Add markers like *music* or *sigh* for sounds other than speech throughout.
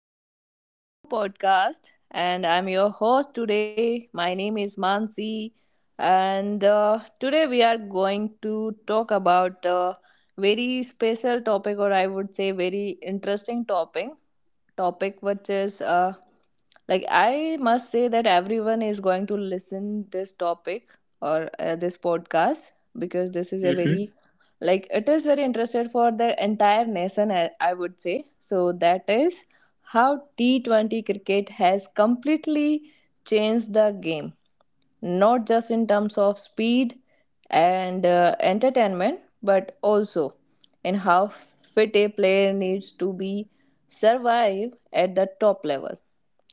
welcome to our new podcast. And I'm your host today. My name is Mansi. And Today we are going to talk about a very special topic, or I would say, very interesting topic which is like I must say that everyone is going to listen this topic or this podcast because this is a very Mm-hmm. like it is very interested for the entire nation, I would say. So that is how t20 cricket has completely changed the game, not just in terms of speed and entertainment, but also in how fit a player needs to be survive at the top level.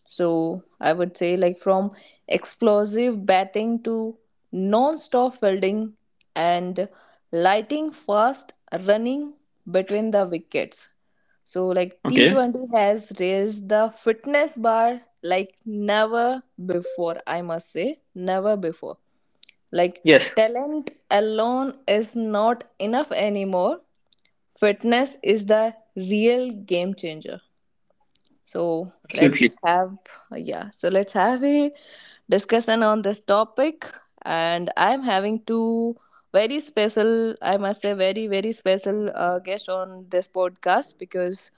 So I would say like from explosive batting to non-stop fielding and lighting fast running between the wickets. So like Okay. T20 has raised the fitness bar like never before, I must say, never before. Like Yes. talent alone is not enough anymore. Fitness is the real game changer. So Absolutely. So let's have a discussion on this topic, and I'm having two very special, I must say very very special guest on this podcast because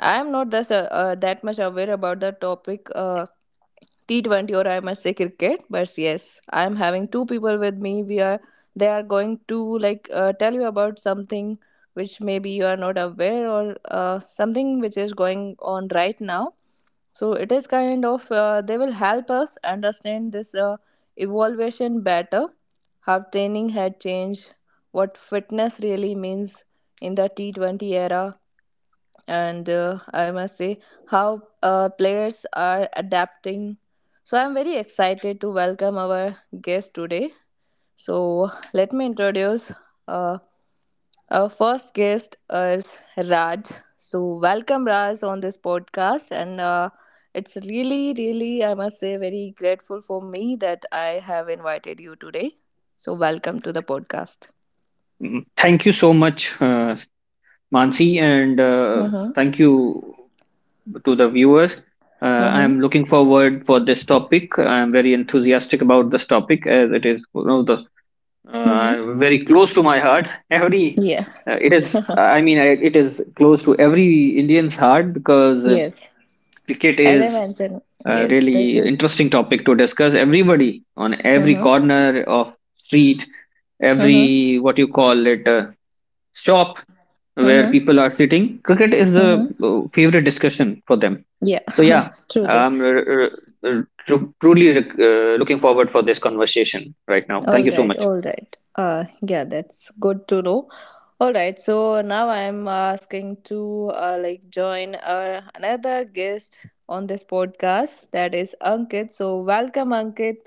I'm not that much aware about the topic, T20, or I must say cricket. But yes, I'm having two people with me we are they are going to tell you about something which maybe you are not aware, or something which is going on right now. So it is kind of, they will help us understand this evaluation better, how training had changed, what fitness really means in the t20 era, and I must say how players are adapting. So I'm very excited to welcome our guest today. So let me introduce uh, our first guest is Raj. So welcome Raj on this podcast, and it's really, really, I must say, very grateful for me that I have invited you today. So welcome to the podcast. Thank you so much, Mansi, and Mm-hmm. thank you to the viewers. Uh, I Mm-hmm. am looking forward for this topic. I am very enthusiastic about this topic as it is one of the Mm-hmm. very close to my heart. Every Yeah. It is, *laughs* I mean, it is close to every Indian's heart because Yes. cricket As I is mentioned, a yes, this really is. interesting topic to discuss. Everybody on every Mm-hmm. corner of street, Mm-hmm. every what you call it shop where Mm-hmm. people are sitting, cricket is the Mm-hmm. Favorite discussion for them. Yeah. So yeah, *laughs* Truly. I'm r- r- r- truly looking forward for this conversation right now. Thank All you so right. much. All right. Yeah. That's good to know. All right, so now I'm asking to join another guest on this podcast, that is Ankit. So welcome, Ankit.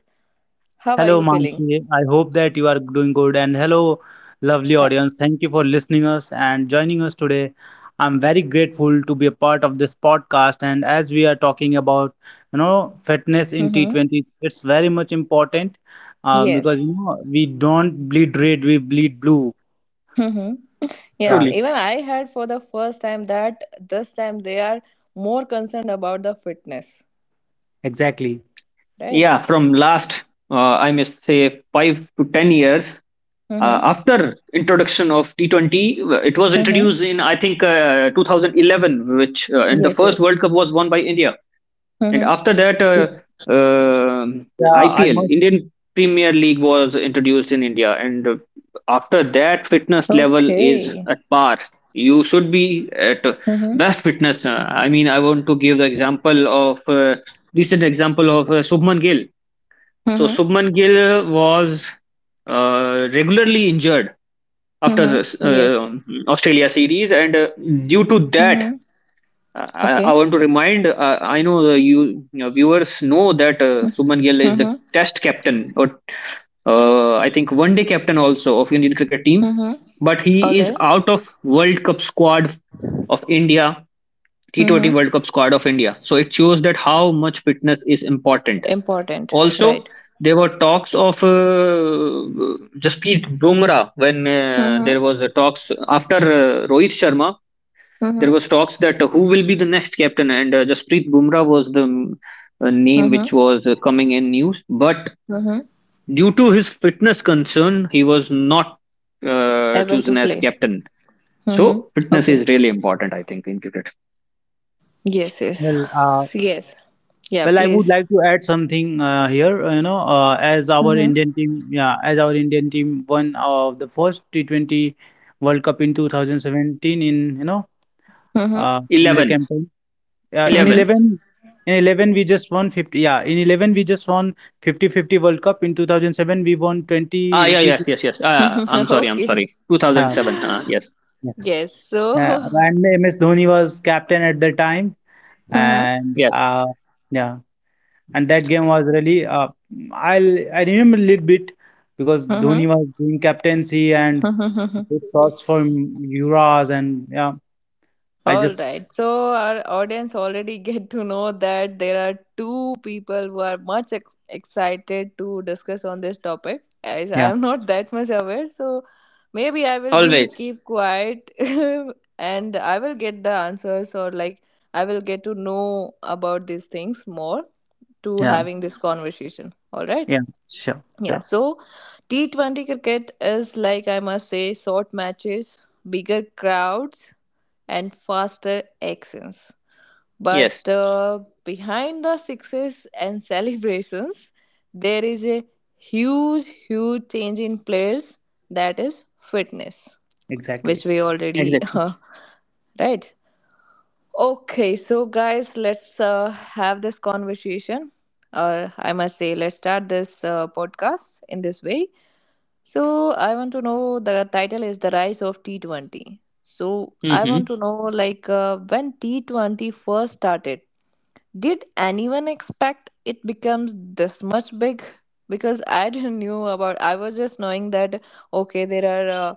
How are Hello, you feeling? Mansi. I hope that you are doing good. And hello, lovely Hi. audience. Thank you for listening us and joining us today. I'm very grateful to be a part of this podcast. And as we are talking about fitness in Mm-hmm. T20, it's very much important Yes. because we don't bleed red, we bleed blue. Mm-hmm. Yes. Yeah, Truly. Even I heard for the first time that this time they are more concerned about the fitness, exactly. right? Yeah, from last I must say 5 to 10 years, Mm-hmm. after introduction of T20. It was Mm-hmm. introduced in I think 2011, which and the Yes. first Yes. World Cup was won by India. And Mm-hmm. after that, Yeah, I IPL must. Indian Premier League was introduced in India, and after that, fitness level is Okay. at par. You should be at best Mm-hmm. fitness. I mean, I want to give the example of recent example of Shubman Gill. So Mm-hmm. Shubman Gill was regularly injured after Mm-hmm. this, Yes. Australia series, and due to that, Mm-hmm. I Okay. want to remind. I know your viewers know that Subman Gill is the Mm-hmm. Test captain, or I think one day captain also of Indian cricket team, Mm-hmm. but he Ole. is out of World Cup squad of India, T20 Mm-hmm. World Cup squad of India. So it shows that how much fitness is important Important. also. Right. There were talks of Jasprit Bumrah when there Mm-hmm. was a talks after Rohit Sharma. There Mm-hmm. was talks that who will be the next captain, and Jasprit Bumrah was the name Mm-hmm. which was coming in news. But Mm-hmm. due to his fitness concern, he was not Able to chosen as play. captain. Mm-hmm. So fitness Okay. is really important, I think, in cricket. Yes, yes. Well, uh, Yes. Yeah, Well, I would please. like to add something here. As our Mm-hmm. Indian team won the first T20 World Cup in 2017, in you know Mm-hmm. In the 11, campaign. Uh, in 11. 11, in 11 we just won 50. Yeah, in 11 we just won fifty World Cup. In 2007 we won 20 Ah, yeah, yes, T20. yes, yes. Ah, I'm Mm-hmm. sorry, *laughs* I'm okay. sorry. Uh, 2007. Huh? Yes, yeah. Yes. Uh, So. and *laughs* MS Dhoni was captain at the time, Mm-hmm. and yes. Yeah. And that game was really, I remember a little bit because Dhoni was doing captaincy and Mm-hmm. *laughs* good shots from Yuras. And yeah, I All just, right. So our audience already *laughs* get to know that there are two people who are much excited to discuss on this topic. As yeah. I'm not *laughs* that much aware, so maybe I will be Always. keep quiet *laughs* and I will get the answers, or like I will get to know about these things more to Yeah, having this conversation. All right. yeah, sure, Yeah, sure. so T20 cricket is like, I must say, short matches, bigger crowds, and faster actions. Yes, But behind the success and *laughs* celebrations, there is a huge, huge change in players, that is fitness, which Exactly. we already, *laughs* exactly. Right? Okay, so guys, let's have this conversation, or I must say, let's start this podcast in this way. So I want to know the title is The Rise of T20. So I want Mm-hmm. to know like, when T20 first started, did anyone expect it becomes this much big? Because I *laughs* didn't knew about. I was just knowing that okay, there are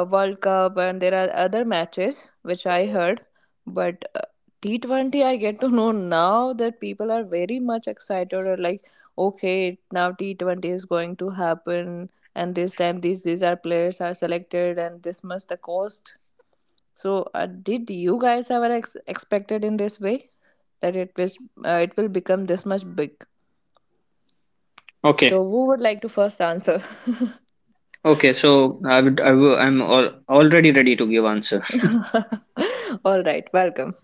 a World Cup and there are other matches which I heard, but T20 I get to *laughs* know now that people are very much excited, or like okay, now T20 is going to happen, and this time these are players are selected, and this much the cost. So did you guys ever expected in this way? That it was it will become this much big. Okay. So who would like to first answer? Okay. So I would, I will, I'm all, already ready to give answer. *laughs* All right, welcome.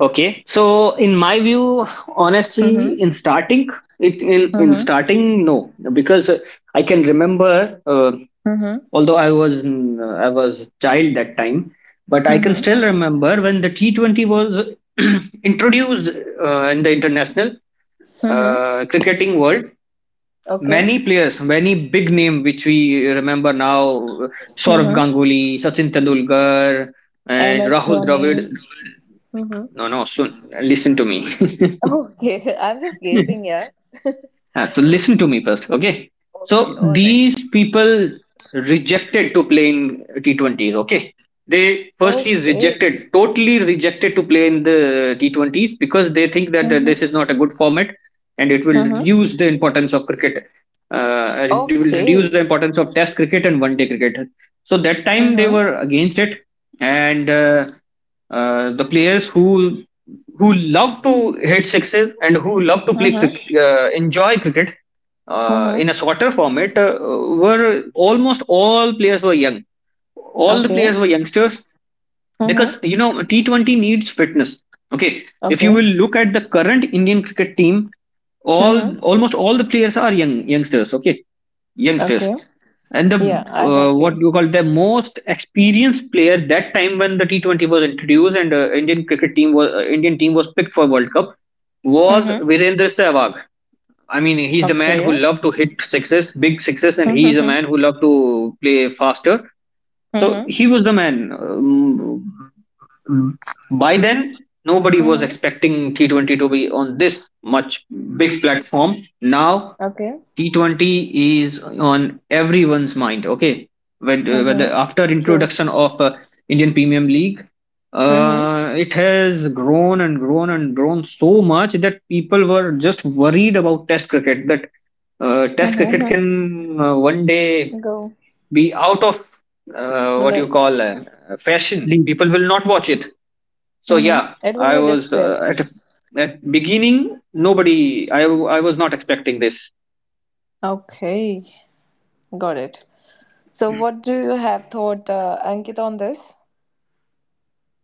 Okay. So in my view, honestly, Mhm. in starting it in in Mhm. starting no because I can remember Mhm. although I was child that time, but I can Mhm. still remember when the T 20 was *clears throat* introduced in the international Mhm. Cricketing world. Okay. Many players, many big name which we remember now: Saurav Mhm. Ganguly, Sachin Tendulkar, and MS Rahul Dhoni. Dravid. Mhm. No, no, soon. Listen to me. Okay, *laughs* I'm just guessing, *laughs* yeah. *laughs* Ah, so listen to me first, okay? Okay, So all right. these people rejected to play in T20s, okay? They firstly Okay. rejected, totally rejected to play in the T20s because they think that this Mhm. is not a good format and it will Mhm. reduce the importance of cricket. It will reduce Okay. the importance of Test cricket and One Day cricket. So that time they Mhm. were against it, and the players who love to hit sixes and who love to play Mhm. Enjoy cricket Mhm. in a shorter format were almost all players were young. All the Okay. players were youngsters because Mhm. you know T20 needs fitness. Okay, if you will Okay. look at the current Indian cricket team, all Mhm. almost all the players are youngsters. Okay, youngsters. Okay. And the Yeah, I have what seen. you call, the most experienced player that time when the T20 was introduced and Indian team was picked for World Cup was Mhm. Virendra Sehwag. I mean, he's the man who Okay. loved to hit sixes, big sixes, and he is a Mhm. man who loved to play faster. So Mhm. he was the man. By then, nobody was Mhm. expecting T20 to be on this much big platform. Now, Okay. T20 is on everyone's mind. Okay, whether Mhm. after True. introduction of Indian Premium League, Mhm. It has grown and grown and grown so much that people were just worried about Test cricket. That Test Mhm. cricket mhm. can, one day, Go. be out of, what you Well, call, fashion. Lead. People will not watch it. So Mhm. yeah, It will I be was despair. at beginning. Nobody. I was not expecting this. Okay. Got it. So, what do you have thought, Ankit, on this?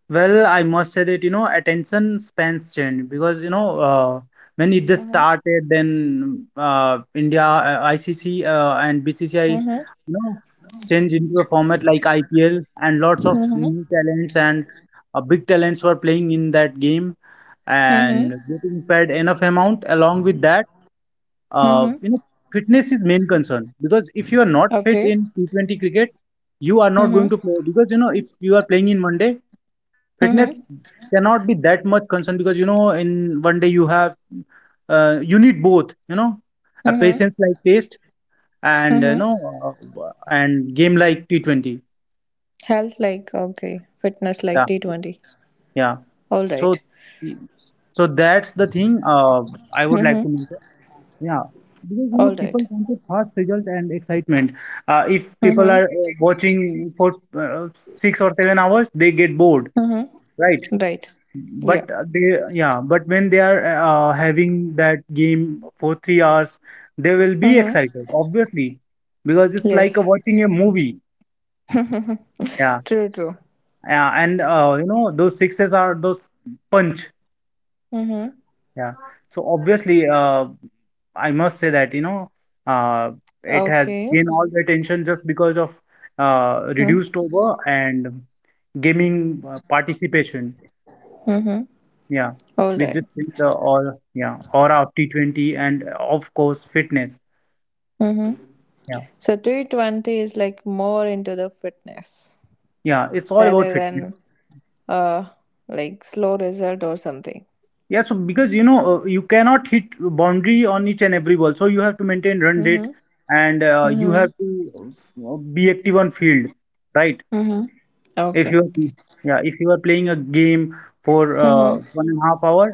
Well, I must say that, attention spans change because when it just Mhm. started, then India, ICC, and BCCI, you Mhm. know, change into a format like IPL, and lots of Mhm. new talents and big talents were playing in that game Mhm. and getting paid enough amount. Along with that, uh, Mhm. you know, fitness is main concern because if you are not fit Okay. in T20 cricket, you are not going Mhm. to play because if you are playing in one day, fitness Mhm. cannot be that much concern because in one day you need both, a Mhm. patience like taste, and you Mhm. know and game like T20. Health like okay. Fitness Yeah, like T 20. yeah. All so right. so that's the thing I would like Mhm. to mention. Yeah, because All right. people want a fast result and excitement. If people Mhm. are watching for 6 or 7 hours, they get bored, Mhm. right? Right. Yeah. But, but when they are having that game for 3 hours, they will be Mm-hmm. excited, obviously, because it's like a Yes. watching a movie. Yeah, True, true. yeah, and those sixes are those punch. Mm-hmm. Yeah, so obviously, I must say that uh, it has Okay. gained all the attention just because of Mm-hmm. reduced over and gaming participation. Mm-hmm. Yeah, All we right. just see the all aura of T20 and, of course, fitness. Mm-hmm. Yeah, So 220 is like more into the fitness yeah, it's all about rather fitness. than uh like slow result or something. Yeah, so because you cannot hit boundary on each and every ball, so you have to maintain run rate Mm-hmm. and you Mm-hmm. have to be active on field, right? Mm-hmm. If Okay. you are- yeah if you are playing a game for Mm-hmm. one and a half hour,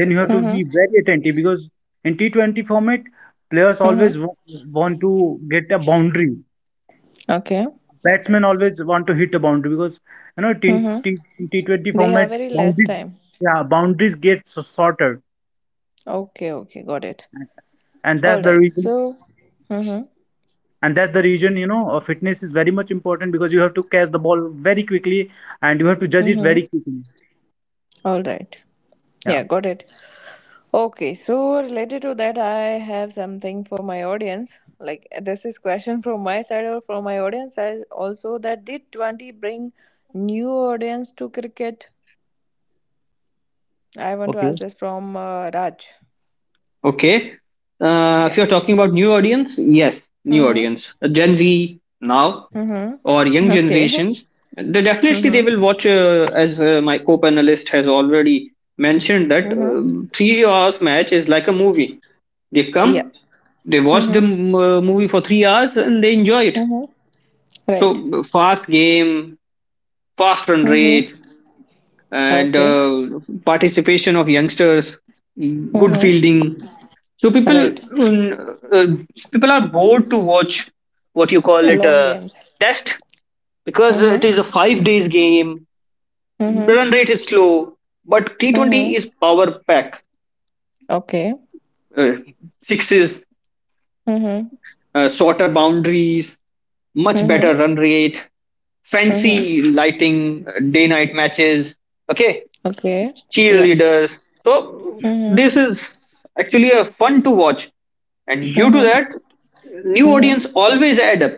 then you have to Mm-hmm. be very attentive because in T20 format players Mm-hmm. always want to get a boundary. Okay. Batsmen always want to hit a boundary because you know T Mm-hmm. T T20 They have format very less boundaries, time. yeah, boundaries get so shorter, Okay, okay, got it. and All that's the right. reason So, mm-hmm. and that's the reason you know fitness is very much important because you have to catch the ball very quickly and you have to judge it Mm-hmm. very quickly. All right. Yeah. Yeah, got it. Okay, so related to that, I have something for my audience. Like this is question from my side or from my audience as also that did 20 bring new audience to cricket? I want to ask Okay. this from Raj. Okay. If Yeah. you're talking about new audience, yes, new Mhm. audience, Gen Z now Mhm. or young Okay. generations, they *laughs* definitely, they Mhm. will watch. As my co-panelist has already mentioned that Mhm. 3 hours match is like a movie. They Yeah. come, they watch the Mhm. m- uh, movie for 3 hours and they enjoy it. Mhm. Right. So fast game, fast run Mhm. rate, and Okay. Participation of youngsters, good Mhm. fielding. So people Right. mm, uh, people are bored to watch what you call it, Long a games. test, because it Mhm. is a 5 days game. Mhm. Run rate is slow, but T Mhm. 20 is power pack. Okay. Uh, Sixes, Mhm. Shorter boundaries, much Mhm. better run rate, Mhm. fancy lighting, day night matches, okay, Okay. Yeah. cheerleaders. So, Mhm. this is actually a fun to watch, and due to Mhm. that, new Mhm. audience always add up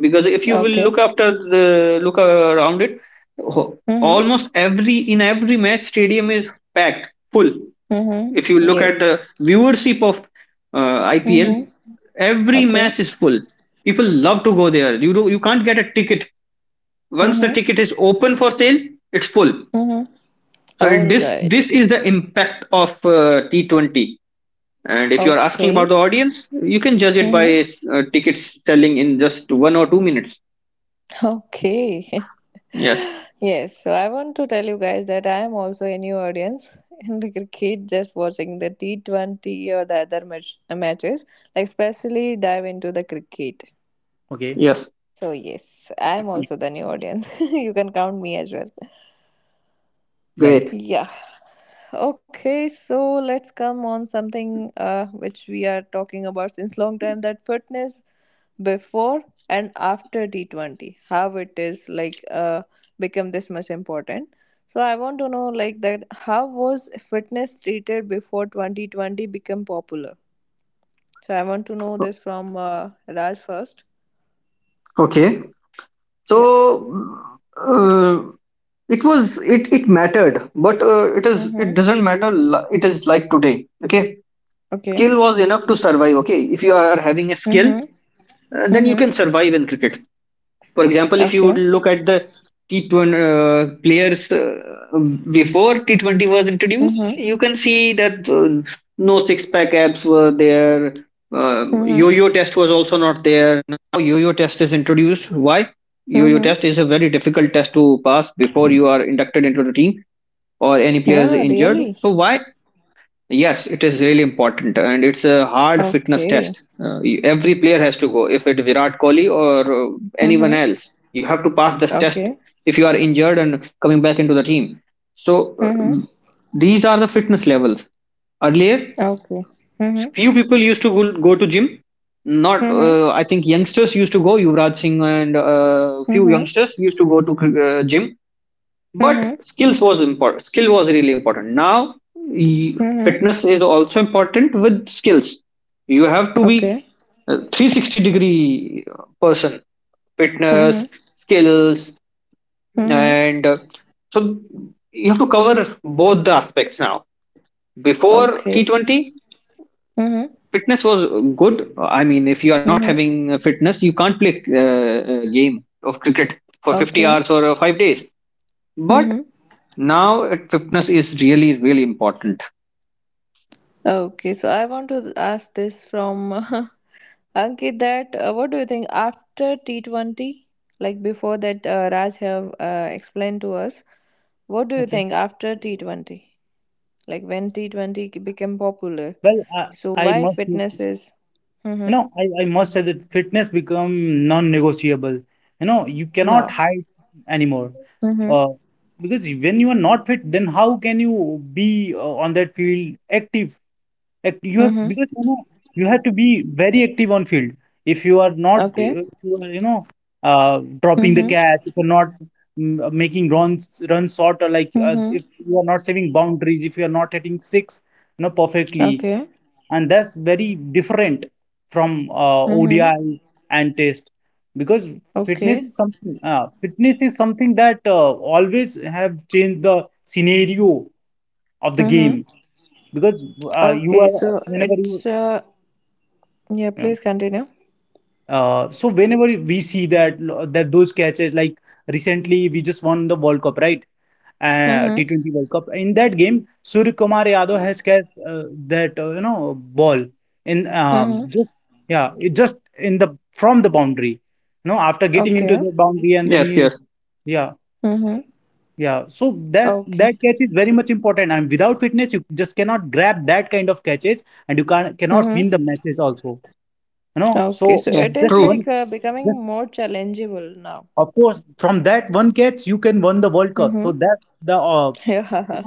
because if you will Okay. look after the look around it, ho- Mhm. almost every in every match stadium is packed full. Mhm. If you look at the Yes. viewership of IPL, Mhm. every Okay. match is full. People love to go there. You can't get a ticket. Once the Mhm. ticket is open for sale, it's full. Mhm. All This right. Is the impact of T20. And if you are asking about Okay. the audience, you can judge it Mhm. by tickets selling in just 1 or 2 minutes. Okay. Yes. *laughs* yes. So I want to tell you guys that I am also a new audience *laughs* in the cricket, just watching the T 20 or the other matches. Like especially dive into the cricket. Okay. Yes. So yes, I am also the new audience. *laughs* you can count me as well. Well. Great. Yeah. Okay, so let's come on something which we are talking about since long time, that fitness before and after T20, how it is like become this much important. So I want to know like that how was fitness treated before 2020 become popular? So I want to know this from Raj first. Okay. So Yeah. uh, it mattered, but it Mm-hmm. doesn't matter. It is like today. Okay, Okay. skill was enough to survive. Okay, if you are having a skill, Mm-hmm. Then you Mm-hmm. can survive in cricket. For example, if you would Okay. look at the T20 players before T20 was introduced, Mm-hmm. you can see that no six pack abs were there. Um, Mm-hmm. yo-yo test was also not there. Now yo-yo test is introduced. Why? Yo-yo Mm-hmm. test is a very difficult test to pass before you are inducted into the team or any player is Yeah, injured. really. So why? Yes, it is really important, and it's a hard fitness Okay. test. Every player has to go. If it's Virat Kohli or anyone Mm-hmm. else, you have to pass this test Okay. if you are injured and coming back into the team. So Mm-hmm. these are the fitness levels. Earlier, Okay. Mm-hmm. few people used to go to gym. Not, Mm-hmm. I think youngsters used to go. Yuvraj Singh and few Mm-hmm. youngsters used to go to gym. But Mm-hmm. skills was important. Skill was really important. Now Mm-hmm. fitness is also important with skills. You have to be Okay. a 360 degree person: fitness, Mm-hmm. skills. Mm-hmm. And so you have to cover both the aspects now. Before Okay. T20, Mm-hmm. fitness was good. I mean, if you are not Mm-hmm. having fitness you can't play a game of cricket for 50 Okay. hours or 5 days. But Mm-hmm. now fitness is really, really important. Okay. So I want to ask this from *laughs* Ankit that what do you think after T20? Like before that, Raj have explained to us. What do you Okay. think after T20? Like when T20 became popular? Well, So I why must. fitness is You mm-hmm. know I must say that fitness become non-negotiable. You cannot now? hide anymore Mhm. uh, because when you are not fit, then how can you be on that field active? You have, Mhm. because you have to be very active on field. If you are not, Okay. If you are, dropping the Mhm. catch, if you're not making runs short, or like, Mhm. if you are not saving boundaries, if you are not hitting six, perfectly, Okay. and that's very different from, Mhm. ODI and test, because fitness Okay. is something uh, fitness is something that always have changed the scenario of the Mhm. game, because you Okay. are So whenever you it's yeah. yeah. Please continue. So whenever we see that those catches, like recently we just won the World Cup, right? Mhm. T20 World Cup. In that game, Surya Kumar Yadav has catched that, ball in, Mhm. just yeah, it just, in the, from the boundary. You know, after getting into Okay. the boundary, and then Yes, you, yes, yeah. Mhm. Yeah. So that's that Okay. catch is very much important. And without fitness, you just cannot grab that kind of catches, and you can cannot Mhm. win the matches also. You know. Okay. So So yeah. it just is True, one, like becoming just, more challengeable now. of course, from that one catch you can win the World Cup. So Mhm. that's the, *laughs* Yeah.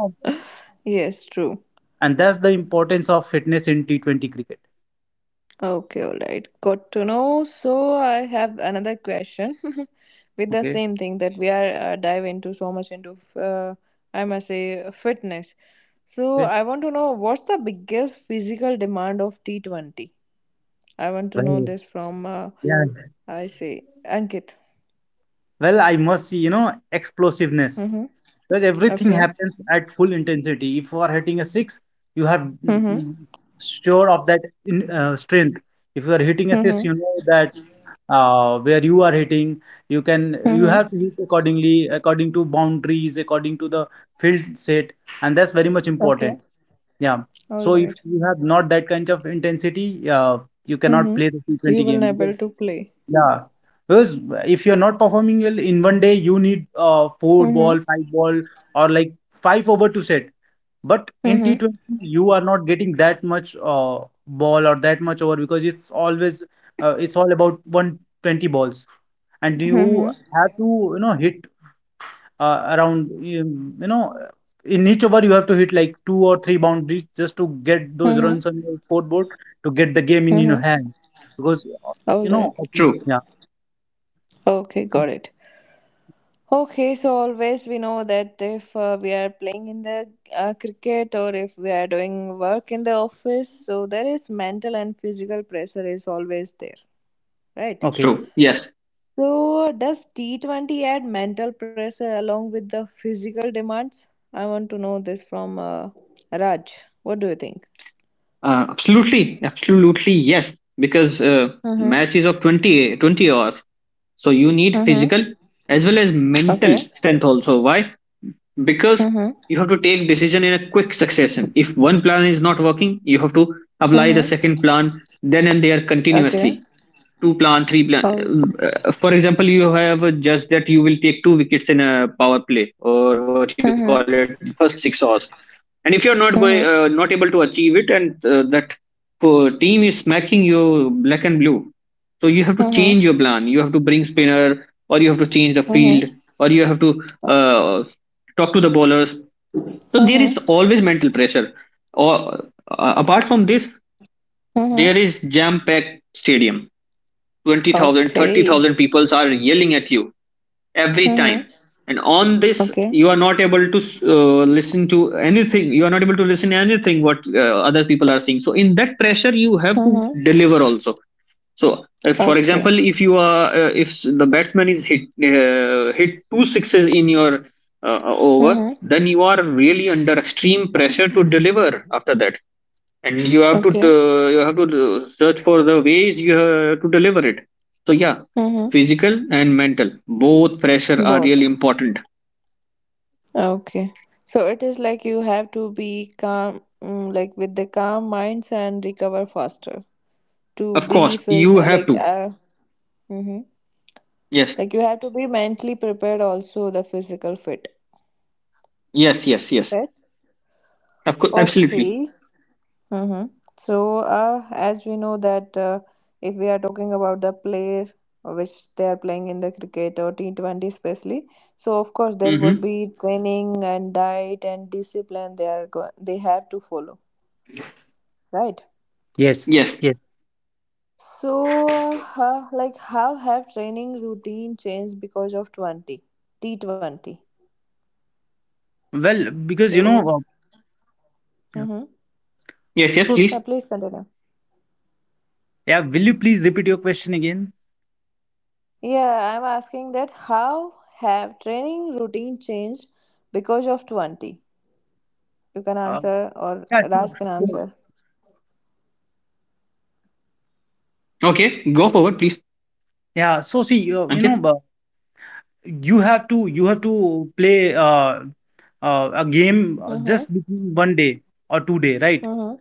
yes. True. and that's the importance of fitness in T20 cricket. Okay, all right. Got to know. So I have another question *laughs* with the Okay, same thing that we are dive into so much into I must say fitness. So okay. I want to know what's the biggest physical demand of T20? I want to know Well, this from yeah. I say Ankit. Well, I must see, you know, explosiveness, Mm-hmm. because everything Okay. happens at full intensity. If you are hitting a six, you have, Mm-hmm. Sure of that, in strength. If you are hitting a six, Mm-hmm. you know that, where you are hitting, you have to Mm-hmm. hit accordingly, according to boundaries, according to the field set, and that's very much Okay. important. Yeah. All So if right. you have not that kind of intensity, you cannot Mm-hmm. play the You T20 will game not because, able to play. yeah, because if you're not performing well in one day, you need four Mm-hmm. ball, five ball, or like five over to set. But in Mm-hmm. T20, you are not getting that much ball or that much over, because it's always, it's all about 120 balls, and Mm-hmm. you have to, hit around in each over, you have to hit like two or three boundaries just to get those Mm-hmm. runs on your scoreboard to get the game in your Mm-hmm. hand, because, All right. Okay, true, yeah. Okay, got it. Okay, so always we know that if we are playing in the cricket, or if we are doing work in the office, so there is mental and physical pressure is always there, right? Okay. true. Yes, So does T20 add mental pressure along with the physical demands? I want to know this from Raj. What do you think? Absolutely, absolutely. Yes, because Mm-hmm. match is of 20-20 hours. So you need Mm-hmm. physical as well as mental Okay. strength also. Why? Because Mm-hmm. you have to take decision in a quick succession. If one plan is not working, you have to apply the Mm-hmm. second plan then and there Okay. continuously. Two plan, three All. plan. For example, you have just that you will take two wickets in a power play, or what you call it, Mm-hmm. first 6 overs. And if you're not able to Mm-hmm. achieve it, and that team is smacking you black and blue, so you have to change your Mm-hmm. plan. You have to bring spinner, or you have to change the field, or you have to uh, talk to the bowlers. So there is Mm-hmm. always mental pressure. Or, apart from this, Mm-hmm. there is jam-packed stadium. 20,000, thirty Okay. thousand people are yelling at you every time. Mm-hmm. And on this, Okay. you are not able to listen to anything. You are not able to listen to anything what other people are saying. So in that pressure, you have to Mm-hmm. deliver also. So if, for Okay. example, if you are if the batsman is hit two sixes in your over, Mm-hmm. then you are really under extreme pressure to deliver after that. And you have to Okay. Search for the ways. You have to deliver it. So yeah, Mm-hmm. physical and mental both pressure are really Both. important. Okay. So it is like you have to be calm, mm, like with the calm minds and recover faster to Of be course you have to. Mm-hmm. Yes, like you have to be mentally prepared also the physical fit. yes, yes. Yes, Right? of course, absolutely. Okay. Mm-hmm. So, as we know that if we are talking about the player which they are playing in the cricket or T20 especially, so of course there would Mm-hmm. be training and diet and discipline they are they have to follow, right? Yes, Yes, yes. So, how have training routine changed because of 20 T20? Well, because So, yeah. mm-hmm. yes, yes, So, Yeah, please. please continue. yeah, will you please repeat your question again? Yeah, I'm asking that how have training routine changed because of 20? You can uh, answer or yeah, sure, Raj can sure. answer. Okay, go forward please, Yeah, so see, you Ankit. know but you have to, play a game, Mm-hmm. just between one day or two day, right? Mm-hmm.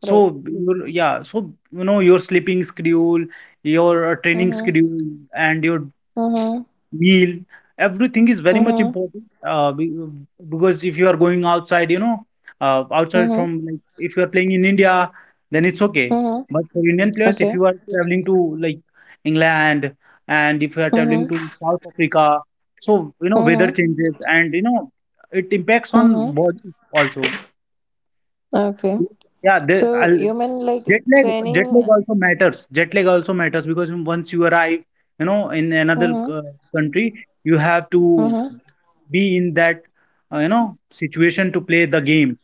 So, Right. so your sleeping schedule, your training Mm-hmm. schedule, and your Mm-hmm. meal, everything is very much Mm-hmm. important. Because if you are going outside, outside Mm-hmm. from, like, if you are playing in India, then it's okay. Mm-hmm. But for Indian players, if Okay. you are traveling to, like, England, and if you are traveling Mm-hmm. to South Africa, so weather Mm-hmm. changes, and it impacts Mm-hmm. on body also. Okay. Yeah, the, So you mean like Jet lag, jet training? lag also matters. Jet lag also matters, because once you arrive, in another Mm-hmm. Country, you have to Mm-hmm. be in that, situation to play the game.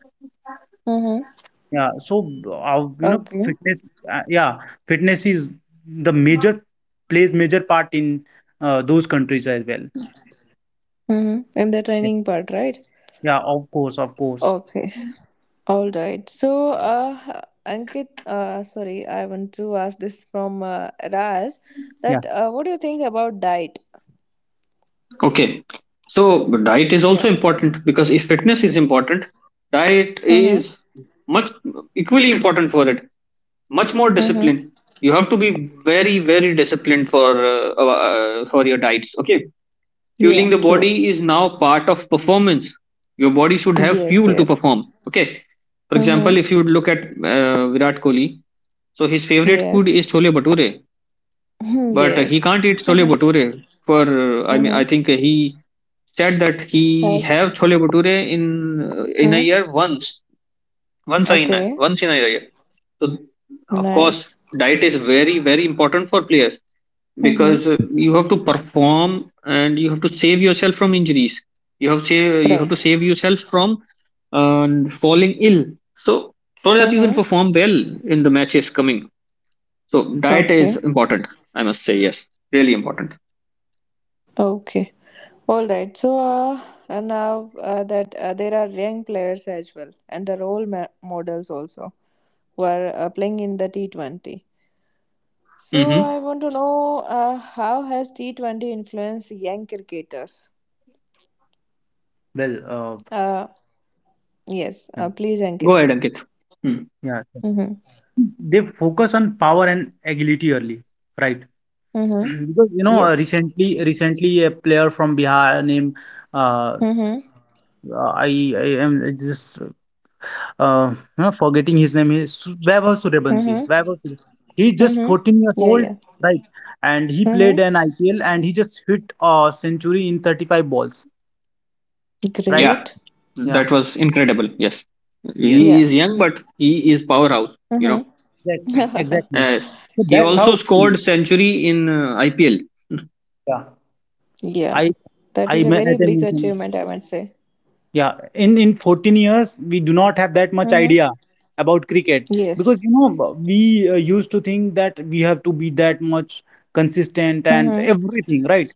Mm-hmm. Yeah. So, Okay. fitness, uh, yeah, fitness is the major, plays major part in those countries as well. Mm-hmm. In the Yeah. training part, right? Yeah. Of course. Of course. Okay. All right. So, Ankit, sorry, I want to ask this from Raj Yeah. that what do you think about diet? Okay, so diet is Yeah. also important because if fitness is important, diet Mm-hmm. is much equally important for it. Much more discipline. You have to be very, very disciplined for your diets, okay. Yeah, Fueling the true. body is now part of performance. Your body should have Yes, fuel to yes. perform, okay. For Mm-hmm. example, if you look at Virat Kohli, so his favorite food Yes. is chole bhature. *laughs* But he yes. can't eat chole *laughs* bhature for I mean, I mm-hmm. think he said that he As, have chole bhature in a mm? year once. Okay. Once in a year. So, of course, Nice. diet is very, very important for players Mm-hmm. because you have to perform and you have to save yourself from injuries. You have to Right. save yourself from falling ill. So, so that you can Mm-hmm. perform well in the matches coming. So, diet is Okay. important. I must say, yes, really important. Okay. All right. So and now that there are young players as well, and the role models also who are playing in the T20. So Mm-hmm. I want to know how has T20 influenced young cricketers? Well, uh, Uh, yes. yeah. Please, Go ahead, Ankit. Ankit. Hmm. yeah. Mm-hmm. They focus on power and agility early, right? Mm-hmm. Because Yes. recently, recently a player from Bihar named, uh, Mm-hmm. uh, I am just, forgetting his name, is Su- Vaibhav Suryavanshi. Mm-hmm. Vaibhav Surya- He's just Mm-hmm. 14 years Yeah, old, yeah. right? And he played an Mm-hmm. IPL and he just hit a century in 35 balls, right? Yeah, Great. Yeah. that was incredible. Yes, Yes. he Yeah. is young, but he is powerhouse. You know. Mm-hmm. Exactly. Exactly. Yes. So *laughs* He that's True. also how. scored century in IPL. Yeah. Yeah. I That is a very as I big mentioned, achievement, I would say. yeah, in 14 years, we do not have that much Mm-hmm. idea about cricket, because Yes. we used to think that we have to be that much consistent and Mm-hmm. everything, right?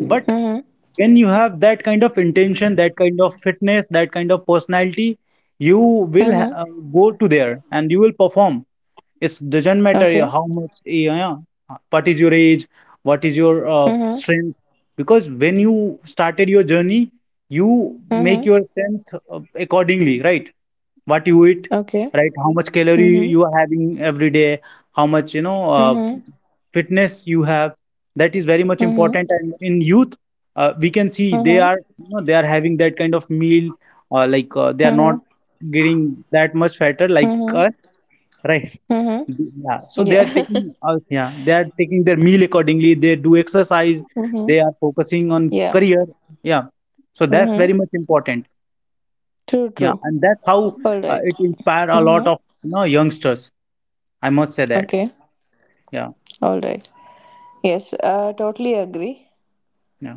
But Mm-hmm. when you have that kind of intention, that kind of fitness, that kind of personality, you will ha- Mm-hmm. uh, go to there and you will perform. It doesn't matter Okay. how much, yeah, yeah, what is your age, what is your Mm-hmm. strength, because when you started your journey, you make Mm-hmm. your strength accordingly, right? What you eat, Okay. right? How much calorie Mm-hmm. you are having every day, how much Mm-hmm. fitness you have. That is very much Mm-hmm. important. And in youth, we can see they Mm-hmm. are, they are having that kind of meal, they are not Mm-hmm. getting that much fatter like Mm-hmm. us, right? Mm-hmm. So they are Yeah. taking *laughs* out, yeah, they are taking their meal accordingly. They do exercise. mm-hmm. They are focusing on Yeah. career. Yeah, so that's very Mm-hmm. much important. True, Yeah, true. and that's how, All right. it inspire a lot Mm-hmm. of youngsters. I must say that. Okay. Yeah, All right. Yes, totally agree. yeah,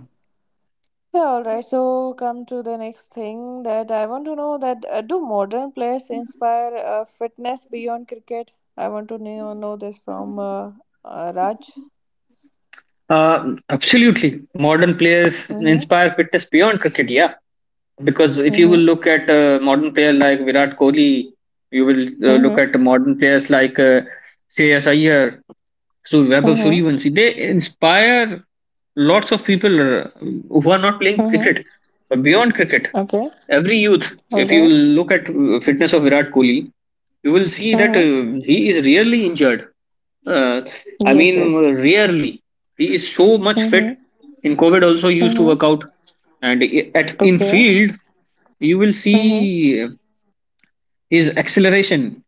Yeah, all right. So come to the next thing that I want to know that do modern players inspire fitness beyond cricket? I want to know this from Raj. Absolutely. Modern players Mhm. inspire fitness beyond cricket, yeah. Because if you will Mhm. look at a modern player like Virat Kohli, you will look Mhm. at modern players like Shreyas Iyer, so Vaibhav Mhm. Suryavanshi. They inspire lots of people who are not playing Mhm. cricket, but beyond cricket. Okay. Every youth, All if you right. will look at fitness of Virat Kohli, you will see that Mhm. He is rarely injured. Uh, I Yes. mean, Yes. rarely. He is so much Mhm. fit. In COVID, also he used to Mhm. work out, and I- at in Okay. field you will Mhm. see his acceleration.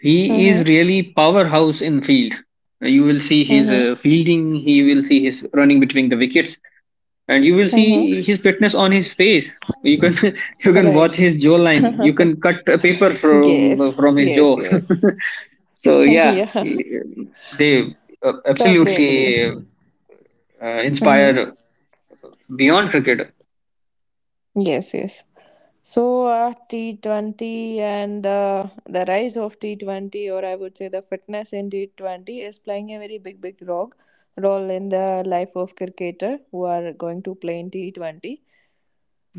He is Mhm. really powerhouse in field. You will see his Mhm. Fielding. He will see his running between the wickets, and you will Mhm. see his fitness on his face. You can *laughs* you can Right. watch his *laughs* jawline. You can cut a paper from yes. his Yes. jaw. Yes. *laughs* So *laughs* yeah, yeah, they totally agree. absolutely Hmm inspire beyond cricket. Yes, yes. So T20 and the rise of T20, or I would say the fitness in T20, is playing a very big big role in the life of cricketer who are going to play in T20.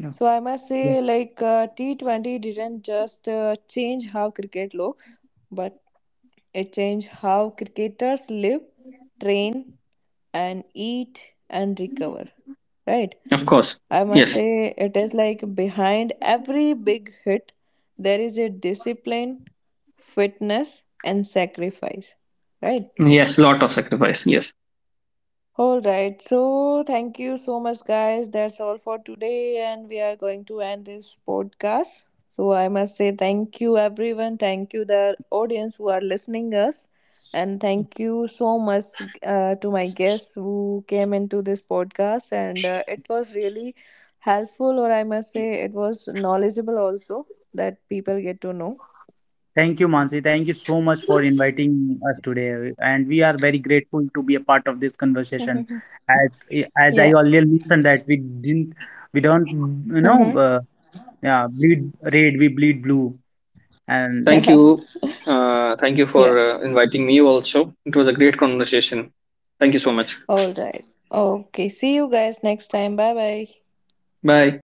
yeah. So I must Yeah. say like T20 didn't just change how cricket looks, but it changed how cricketers live, train and eat and recover, right? Of course. I must Yes. say, it is like behind every big hit, there is a discipline, fitness, and sacrifice, right? Yes. Lot of sacrifice. Yes. All right. So, thank you so much, guys. That's all for today. And we are going to end this podcast. So, I must say thank you, everyone. Thank you, the audience who are listening us. And thank you so much to my guests who came into this podcast. And it was really helpful, or I must say, it was knowledgeable also that people get to know. Thank you, Mansi. Thank you so much for inviting us today, and we are very grateful to be a part of this conversation. *laughs* As as I yeah. earlier mentioned that we didn't, we don't, you know, Mm-hmm. uh, yeah, bleed red, we bleed blue. And Thank Yeah. you. Thank you Yeah. for inviting me also. It was a great conversation. Thank you so much. All right. Okay. See you guys next time. Bye bye. Bye.